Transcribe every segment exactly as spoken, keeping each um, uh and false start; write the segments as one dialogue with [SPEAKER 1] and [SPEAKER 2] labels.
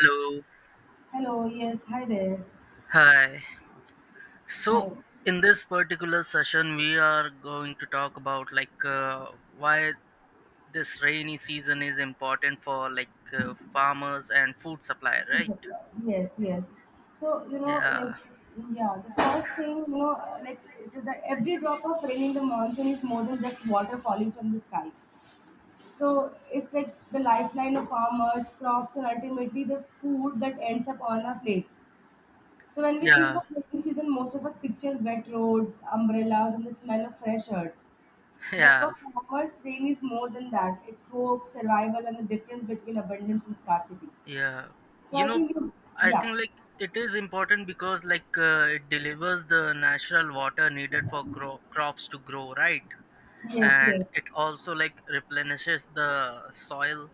[SPEAKER 1] Hello.
[SPEAKER 2] Hello, yes, hi there.
[SPEAKER 1] Hi. So
[SPEAKER 2] Hi.
[SPEAKER 1] in this particular session, we are going to talk about like uh, why this rainy season is important for like uh, farmers and food supply, right?
[SPEAKER 2] Yes, yes. So, you know,
[SPEAKER 1] Yeah.
[SPEAKER 2] like, yeah, the first thing, you know, like, it's just that every drop of rain in the monsoon is more than just water falling from the sky. So, it's like the lifeline of farmers, crops, and ultimately the food that ends up on our plates. So, when we think
[SPEAKER 1] Yeah.
[SPEAKER 2] of rainy season, most of us picture wet roads, umbrellas, and the smell of fresh earth. But for
[SPEAKER 1] Yeah.
[SPEAKER 2] farmers, rain is more than that. It's hope, survival, and the difference between abundance and scarcity.
[SPEAKER 1] Yeah.
[SPEAKER 2] So
[SPEAKER 1] You
[SPEAKER 2] I
[SPEAKER 1] know,
[SPEAKER 2] think you,
[SPEAKER 1] I
[SPEAKER 2] yeah,
[SPEAKER 1] think like it is important because like uh, it delivers the natural water needed for cro- crops to grow, right?
[SPEAKER 2] yes,
[SPEAKER 1] And
[SPEAKER 2] yes,
[SPEAKER 1] it also like replenishes the soil.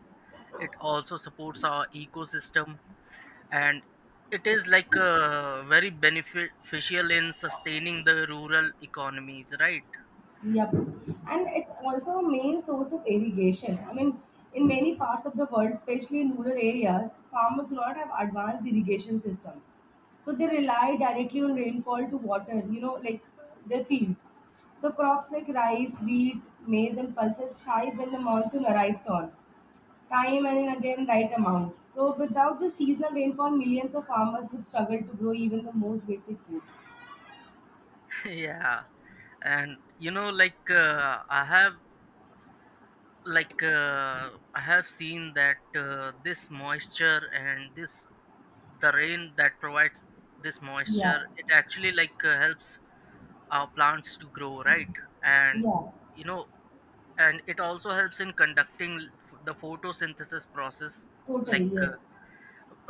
[SPEAKER 1] It also supports our ecosystem and it is like uh, very beneficial in sustaining the rural economies, right?
[SPEAKER 2] yep. And it's also a main source of irrigation. I mean, in many parts of the world, especially in rural areas, farmers do not have advanced irrigation system. So they rely directly on rainfall to water, you know, like their fields. So crops like rice, wheat, maize, and pulses thrive when the monsoon arrives on time and again right amount. So without the seasonal rainfall, millions of farmers would struggle to grow even the most basic food.
[SPEAKER 1] Yeah, and you know like uh, i have like uh, i have seen that uh, this moisture and this the rain that provides this
[SPEAKER 2] Yeah.
[SPEAKER 1] moisture, it actually like uh, helps our plants to grow, right? And
[SPEAKER 2] Yeah,
[SPEAKER 1] you know, and it also helps in conducting l- f- the photosynthesis process
[SPEAKER 2] totally,
[SPEAKER 1] like uh,
[SPEAKER 2] yes.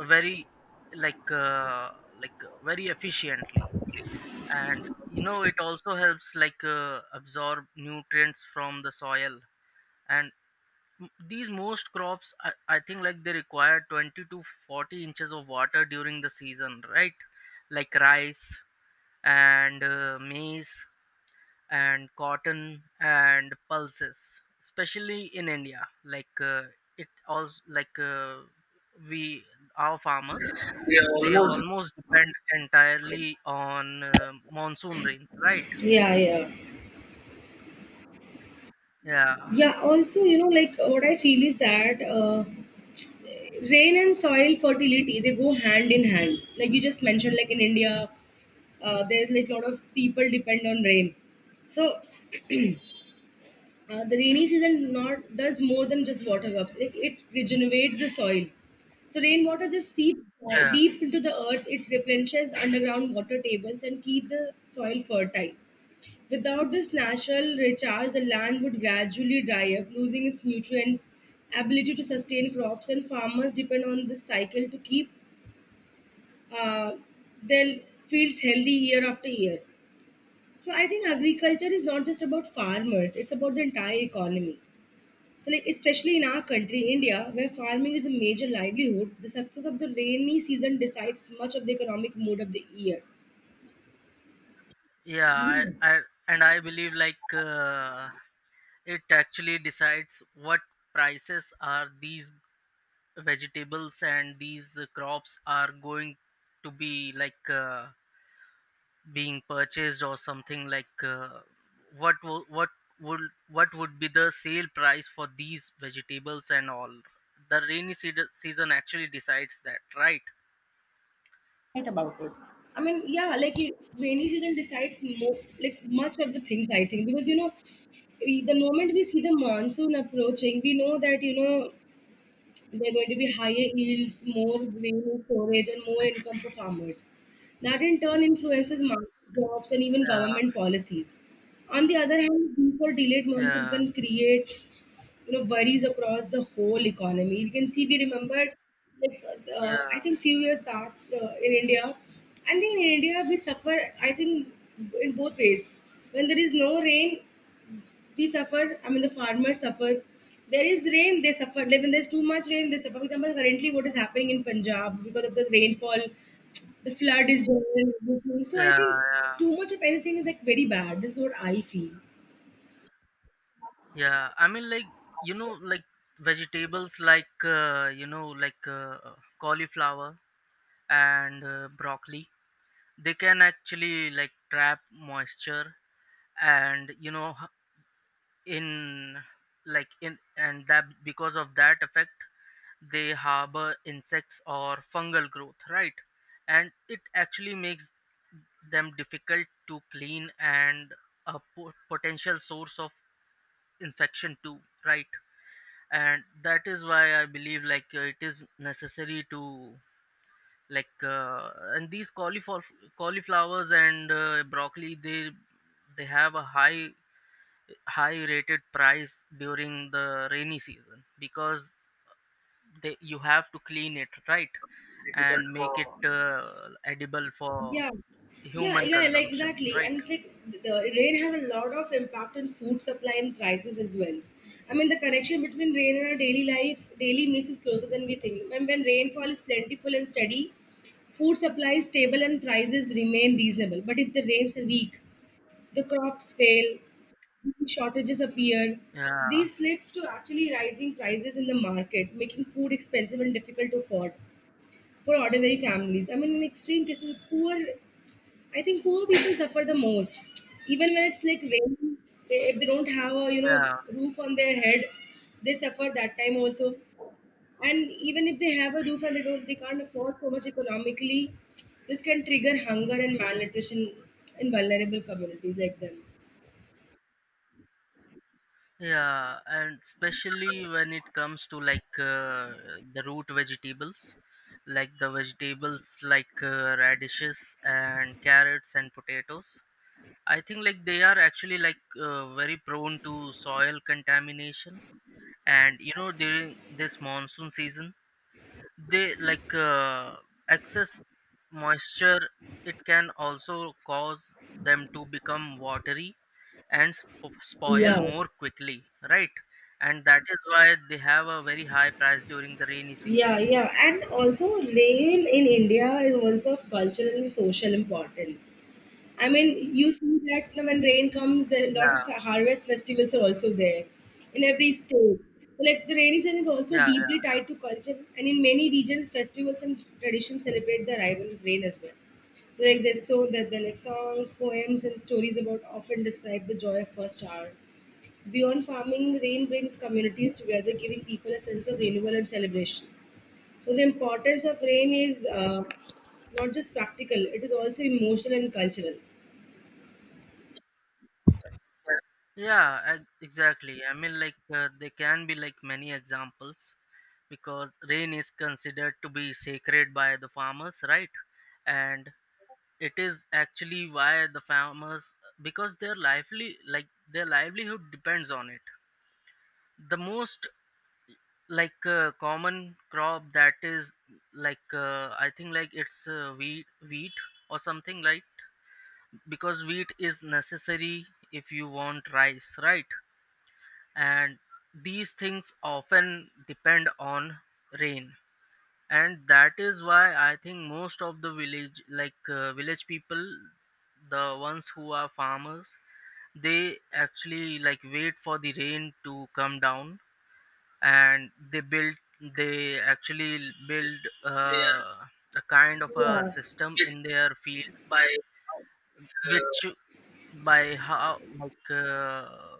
[SPEAKER 1] very like uh, like uh, very efficiently. And you know, it also helps like uh, absorb nutrients from the soil. And m- these most crops, I, I think like they require twenty to forty inches of water during the season, right? Like rice and uh, maize and cotton and pulses, especially in india, like uh, it also like uh, we our farmers,
[SPEAKER 2] They are
[SPEAKER 1] they
[SPEAKER 2] almost.
[SPEAKER 1] almost depend entirely on uh, monsoon rain, right?
[SPEAKER 2] Yeah, yeah.
[SPEAKER 1] Yeah,
[SPEAKER 2] Yeah, also, you know, like what I feel is that uh, rain and soil fertility, they go hand in hand. Like you just mentioned, like in India, uh, there's like a lot of people depend on rain. So uh, the rainy season not does more than just water cups. Like it regenerates the soil. So rainwater just seeps di-
[SPEAKER 1] yeah,
[SPEAKER 2] deep into the earth. It replenishes underground water tables and keep the soil fertile. Without this natural recharge, the land would gradually dry up, losing its nutrients, ability to sustain crops, and farmers depend on this cycle to keep uh, their fields healthy year after year. So I think agriculture is not just about farmers; it's about the entire economy. So, like especially in our country, India, where farming is a major livelihood, the success of the rainy season decides much of the economic mood of the year.
[SPEAKER 1] yeah, i, I and i believe like uh, it actually decides what prices are these vegetables and these uh, crops are going to be like uh, being purchased, or something like uh, what wo- what would, what would be the sale price for these vegetables and all. The rainy seed- season actually decides that, right?
[SPEAKER 2] Right about it. I mean, yeah, like it- rainy season decides more, like much of the things I think because you know, we, the moment we see the monsoon approaching, we know that you know they're going to be higher yields, more grain storage, and more income for farmers. That in turn influences market jobs and even
[SPEAKER 1] Yeah,
[SPEAKER 2] government policies. On the other hand, weak or delayed monsoon
[SPEAKER 1] yeah,
[SPEAKER 2] can create you know worries across the whole economy. You can see we remembered like
[SPEAKER 1] yeah,
[SPEAKER 2] uh, I think few years back uh, in India. I think in India we suffer. I think in both ways. When there is no rain, we suffer. I mean, the farmers suffer. There is rain, they suffer, like when there's too much rain they suffer. For example, currently what is happening in Punjab because of the rainfall, the flood is there and everything. So I
[SPEAKER 1] yeah,
[SPEAKER 2] think
[SPEAKER 1] yeah.
[SPEAKER 2] too much of anything is like very bad. This is what I feel.
[SPEAKER 1] Yeah, I mean like, you know like, vegetables like, uh, you know like uh, cauliflower and uh, broccoli, they can actually like trap moisture, and you know, in like in and that because of that effect, they harbor insects or fungal growth, right? And it actually makes them difficult to clean, and a po- potential source of infection too, right? And that is why I believe like uh, it is necessary to like uh, and these cauliflower cauliflowers and uh, broccoli, they they have a high high rated price during the rainy season, because they, you have to clean it, right? And make it uh, edible for
[SPEAKER 2] yeah yeah
[SPEAKER 1] human
[SPEAKER 2] yeah like
[SPEAKER 1] consumption,
[SPEAKER 2] exactly.
[SPEAKER 1] right?
[SPEAKER 2] And it's like the rain has a lot of impact on food supply and prices as well. I mean, the connection between rain and our daily life, daily means, is closer than we think. And when rainfall is plentiful and steady, food supply is stable and prices remain reasonable. But if the rains are weak, the crops fail, shortages appear.
[SPEAKER 1] Yeah,
[SPEAKER 2] This leads to actually rising prices in the market, making food expensive and difficult to afford for ordinary families. I mean, in extreme cases, poor, I think poor people suffer the most. Even when it's like rain, they, if they don't have a you know
[SPEAKER 1] yeah,
[SPEAKER 2] roof on their head, they suffer that time also. And even if they have a roof and they don't, they can't afford so much economically, this can trigger hunger and malnutrition in vulnerable communities like them.
[SPEAKER 1] yeah. And especially when it comes to like uh, the root vegetables, like the vegetables like, uh, radishes and carrots and potatoes. I think like they are actually like uh, very prone to soil contamination, and you know during this monsoon season, they like uh, excess moisture, it can also cause them to become watery and sp- spoil
[SPEAKER 2] Yeah.
[SPEAKER 1] more quickly, right? And that is why they have a very high price during the rainy
[SPEAKER 2] yeah
[SPEAKER 1] seasons.
[SPEAKER 2] yeah and also rain in India is also of cultural and social importance. I mean, you see that when rain comes, there are a lot
[SPEAKER 1] Yeah,
[SPEAKER 2] of harvest festivals are also there in every state. Like the rainy season is also
[SPEAKER 1] yeah.
[SPEAKER 2] deeply tied to culture, and in many regions, festivals and traditions celebrate the arrival of rain as well. So like there's, so that there are like songs, poems, and stories about often describe the joy of first hour. Beyond farming, rain brings communities together, giving people a sense of renewal and celebration. So the importance of rain is uh, not just practical; it is also emotional and cultural.
[SPEAKER 1] Yeah, ex- exactly. I mean, like uh, there can be like many examples, because rain is considered to be sacred by the farmers, right? And it is actually why the farmers, because their lively like their livelihood depends on it. The most like uh, common crop that is like uh, I think like it's uh, wheat, wheat or something, like because wheat is necessary if you want rice, right? And these things often depend on rain. And that is why I think most of the village like uh, village people, the ones who are farmers, they actually like wait for the rain to come down, and they build they actually
[SPEAKER 2] Yes,
[SPEAKER 1] build
[SPEAKER 2] they are.
[SPEAKER 1] uh, a kind of a
[SPEAKER 2] Yeah.
[SPEAKER 1] system
[SPEAKER 2] Hit
[SPEAKER 1] in their field,
[SPEAKER 2] by uh,
[SPEAKER 1] which by how like uh,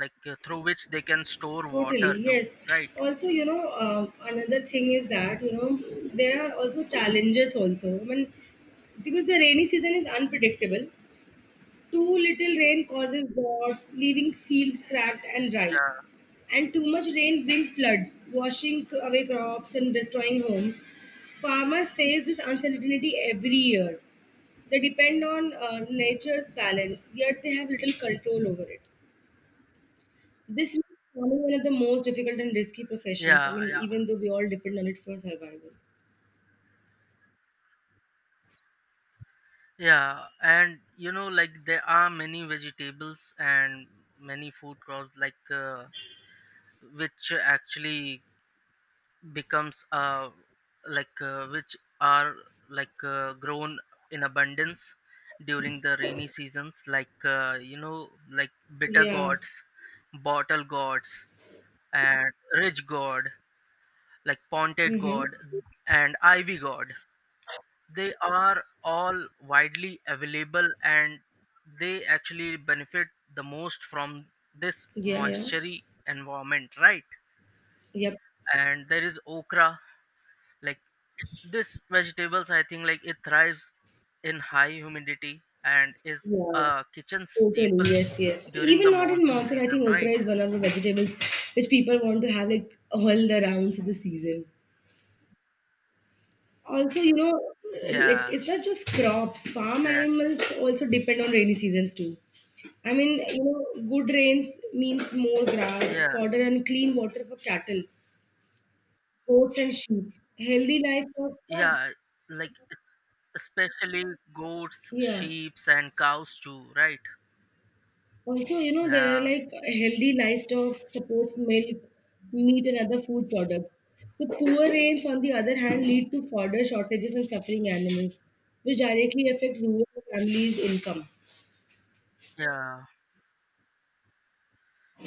[SPEAKER 1] like uh, through which they can store
[SPEAKER 2] totally,
[SPEAKER 1] water too,
[SPEAKER 2] yes.
[SPEAKER 1] right?
[SPEAKER 2] Also, you know, uh, another thing is that, you know, there are also challenges also. I mean, because the rainy season is unpredictable, too little rain causes droughts, leaving fields cracked and dry. And too much rain brings floods, washing away crops and destroying homes. Farmers face this uncertainty every year. They depend on uh, nature's balance, yet they have little control over it. This is one of the most difficult and risky professions. I
[SPEAKER 1] Yeah, yeah,
[SPEAKER 2] mean,
[SPEAKER 1] yeah,
[SPEAKER 2] even though we all depend on it for survival.
[SPEAKER 1] yeah. And you know, like there are many vegetables and many food crops, like uh, which actually becomes uh like uh, which are like uh, grown in abundance during the rainy seasons, like, uh, you know, like bitter
[SPEAKER 2] Yeah.
[SPEAKER 1] gourds, bottle gourds, and Ridge God, like Pointed God,
[SPEAKER 2] Mm-hmm.
[SPEAKER 1] and Ivy God. They are all widely available and they actually benefit the most from this
[SPEAKER 2] Yeah, yeah.
[SPEAKER 1] moisture environment, right?
[SPEAKER 2] Yep.
[SPEAKER 1] And there is okra, like, this vegetables, I think like it thrives in high humidity and is
[SPEAKER 2] Yeah.
[SPEAKER 1] a kitchen
[SPEAKER 2] Totally,
[SPEAKER 1] staple
[SPEAKER 2] yes, yes.
[SPEAKER 1] during the
[SPEAKER 2] Even not in
[SPEAKER 1] monsoon
[SPEAKER 2] monsoon, I
[SPEAKER 1] season,
[SPEAKER 2] think okra
[SPEAKER 1] right?
[SPEAKER 2] is one of the vegetables which people want to have like all the rounds of the season. Also, you know like
[SPEAKER 1] Yeah,
[SPEAKER 2] it's not just crops, farm
[SPEAKER 1] exactly.
[SPEAKER 2] animals also depend on rainy seasons too. I mean, you know good rains means more grass
[SPEAKER 1] Yeah.
[SPEAKER 2] fodder and clean water for cattle, goats and sheep. Healthy livestock, huh?
[SPEAKER 1] Yeah, like es- especially goats,
[SPEAKER 2] Yeah,
[SPEAKER 1] sheeps, and cows too, right?
[SPEAKER 2] also, you know there are
[SPEAKER 1] Yeah,
[SPEAKER 2] like healthy livestock supports milk, meat and other food products. So poor rains on the other hand lead to fodder shortages and suffering animals, which directly affect rural families income.
[SPEAKER 1] yeah,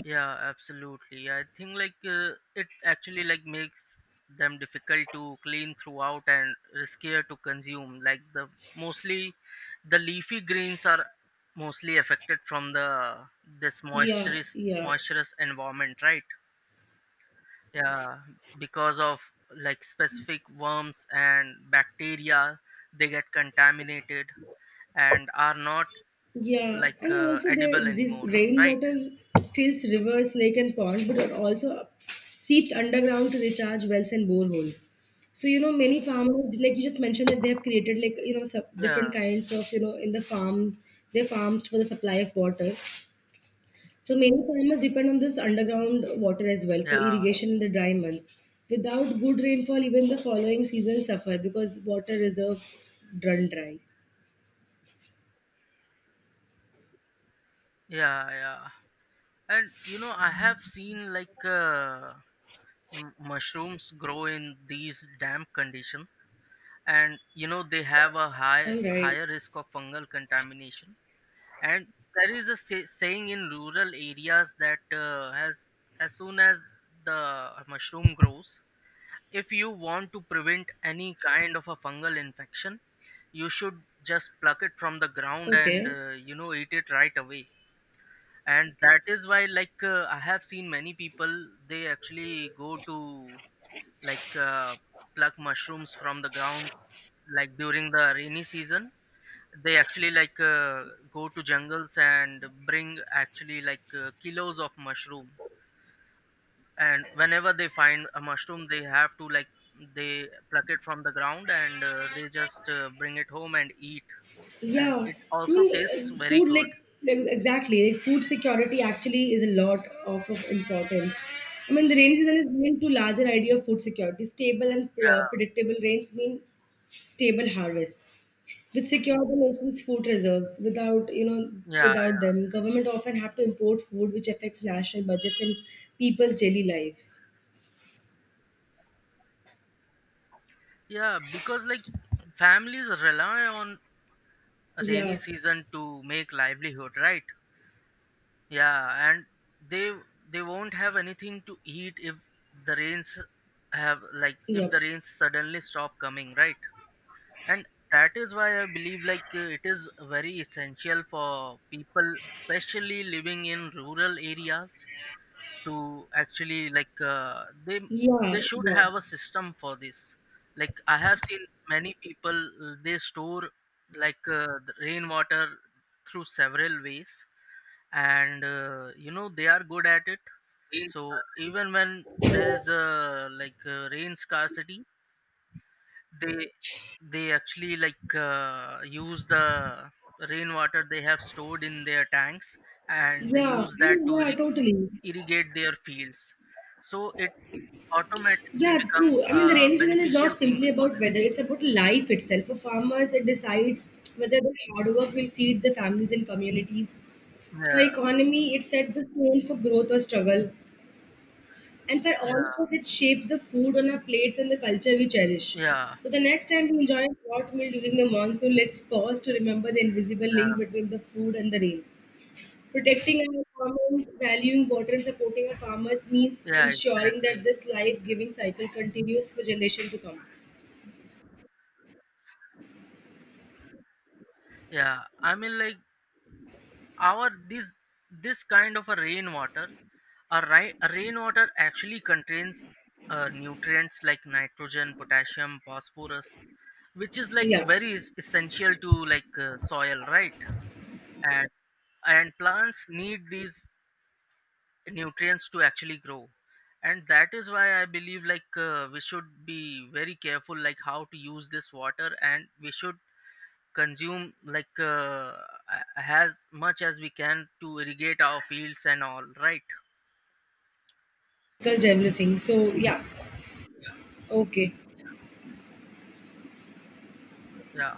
[SPEAKER 1] yeah, absolutely. I think like uh, it actually like makes them difficult to clean throughout and riskier to consume. Like the mostly, the leafy greens are mostly affected from the this
[SPEAKER 2] yeah
[SPEAKER 1] moisturous
[SPEAKER 2] yeah
[SPEAKER 1] moisturous environment, right? Yeah, because of like specific worms and bacteria, they get contaminated and are not
[SPEAKER 2] Yeah,
[SPEAKER 1] like
[SPEAKER 2] and
[SPEAKER 1] uh,
[SPEAKER 2] also the
[SPEAKER 1] edible
[SPEAKER 2] this
[SPEAKER 1] anymore, right?
[SPEAKER 2] rainwater fills rivers, lake, and ponds, but it also seeps underground to recharge wells and boreholes. So you know, many farmers, like you just mentioned, that they have created like you know sub-
[SPEAKER 1] Yeah,
[SPEAKER 2] different kinds of you know in the farm, their farms for the supply of water. So many farmers depend on this underground water as well for
[SPEAKER 1] yeah,
[SPEAKER 2] irrigation in the dry months. Without good rainfall, even the following seasons suffer because water reserves run dry.
[SPEAKER 1] yeah, yeah. And you know, I have seen like uh, m- mushrooms grow in these damp conditions, and you know they have a high
[SPEAKER 2] All right.
[SPEAKER 1] higher risk of fungal contamination. And there is a say, saying in rural areas that uh, has, as soon as the mushroom grows, if you want to prevent any kind of a fungal infection, you should just pluck it from the ground and
[SPEAKER 2] Okay.
[SPEAKER 1] uh, you know, eat it right away. And that is why like uh, I have seen many people, they actually go to like uh, pluck mushrooms from the ground, like during the rainy season. They actually like uh, go to jungles and bring actually like uh, kilos of mushroom, and whenever they find a mushroom, they have to like, they pluck it from the ground and uh, they just uh, bring it home and eat. And
[SPEAKER 2] Yeah,
[SPEAKER 1] it
[SPEAKER 2] I
[SPEAKER 1] also
[SPEAKER 2] mean,
[SPEAKER 1] tastes
[SPEAKER 2] uh,
[SPEAKER 1] very
[SPEAKER 2] food
[SPEAKER 1] good.
[SPEAKER 2] like, like exactly like food security actually is a lot of, of importance. I mean, the rainy season is linked to larger idea of food security. Stable and pre- uh,
[SPEAKER 1] Yeah,
[SPEAKER 2] predictable rains means stable harvests. With secure the nation's food reserves, without you know,
[SPEAKER 1] yeah,
[SPEAKER 2] without
[SPEAKER 1] yeah,
[SPEAKER 2] them, government often have to import food, which affects national budgets and people's daily lives.
[SPEAKER 1] yeah, because like families rely on rainy
[SPEAKER 2] Yeah,
[SPEAKER 1] season to make livelihood, right? Yeah, and they they won't have anything to eat if the rains have, like if
[SPEAKER 2] yeah,
[SPEAKER 1] the rains suddenly stop coming, right? And that is why I believe like uh, it is very essential for people, especially living in rural areas, to actually like uh, they
[SPEAKER 2] yeah,
[SPEAKER 1] they should
[SPEAKER 2] yeah.
[SPEAKER 1] have a system for this. Like I have seen many people, uh, they store like uh, the rainwater through several ways, and uh, you know, they are good at it. So even when there is a like uh, rain scarcity, they they actually like uh, use the rainwater they have stored in their tanks, and they
[SPEAKER 2] Yeah, I
[SPEAKER 1] use that to
[SPEAKER 2] mean, yeah,
[SPEAKER 1] irri-
[SPEAKER 2] totally.
[SPEAKER 1] irrigate their fields, so it automatically
[SPEAKER 2] Yeah,
[SPEAKER 1] becomes
[SPEAKER 2] true. I
[SPEAKER 1] a
[SPEAKER 2] mean, the rainy season is not
[SPEAKER 1] beneficial thing
[SPEAKER 2] simply
[SPEAKER 1] for
[SPEAKER 2] about
[SPEAKER 1] them.
[SPEAKER 2] weather, it's about life itself. For farmers, it decides whether their hard work will feed the families and communities. For
[SPEAKER 1] Yeah,
[SPEAKER 2] economy, it sets the tone for growth or struggle. And for all
[SPEAKER 1] yeah,
[SPEAKER 2] of us, it shapes the food on our plates and the culture we cherish.
[SPEAKER 1] yeah,
[SPEAKER 2] So the next time we enjoy a hot meal during the monsoon, let's pause to remember the invisible
[SPEAKER 1] yeah,
[SPEAKER 2] link between the food and the rain. Protecting our environment, valuing water, and supporting our farmers means
[SPEAKER 1] yeah,
[SPEAKER 2] ensuring
[SPEAKER 1] exactly.
[SPEAKER 2] that this life-giving cycle continues for generations to come.
[SPEAKER 1] Yeah, I mean like, our this this kind of a rainwater, a, ri- a rainwater actually contains uh, nutrients like nitrogen, potassium, phosphorus, which is like
[SPEAKER 2] Yeah,
[SPEAKER 1] very es- essential to like uh, soil, right? and and plants need these nutrients to actually grow. And that is why I believe like uh, we should be very careful like how to use this water, and we should consume like uh, a- as much as we can to irrigate our fields and all, right?
[SPEAKER 2] discussed everything. So yeah, okay.
[SPEAKER 1] Yeah,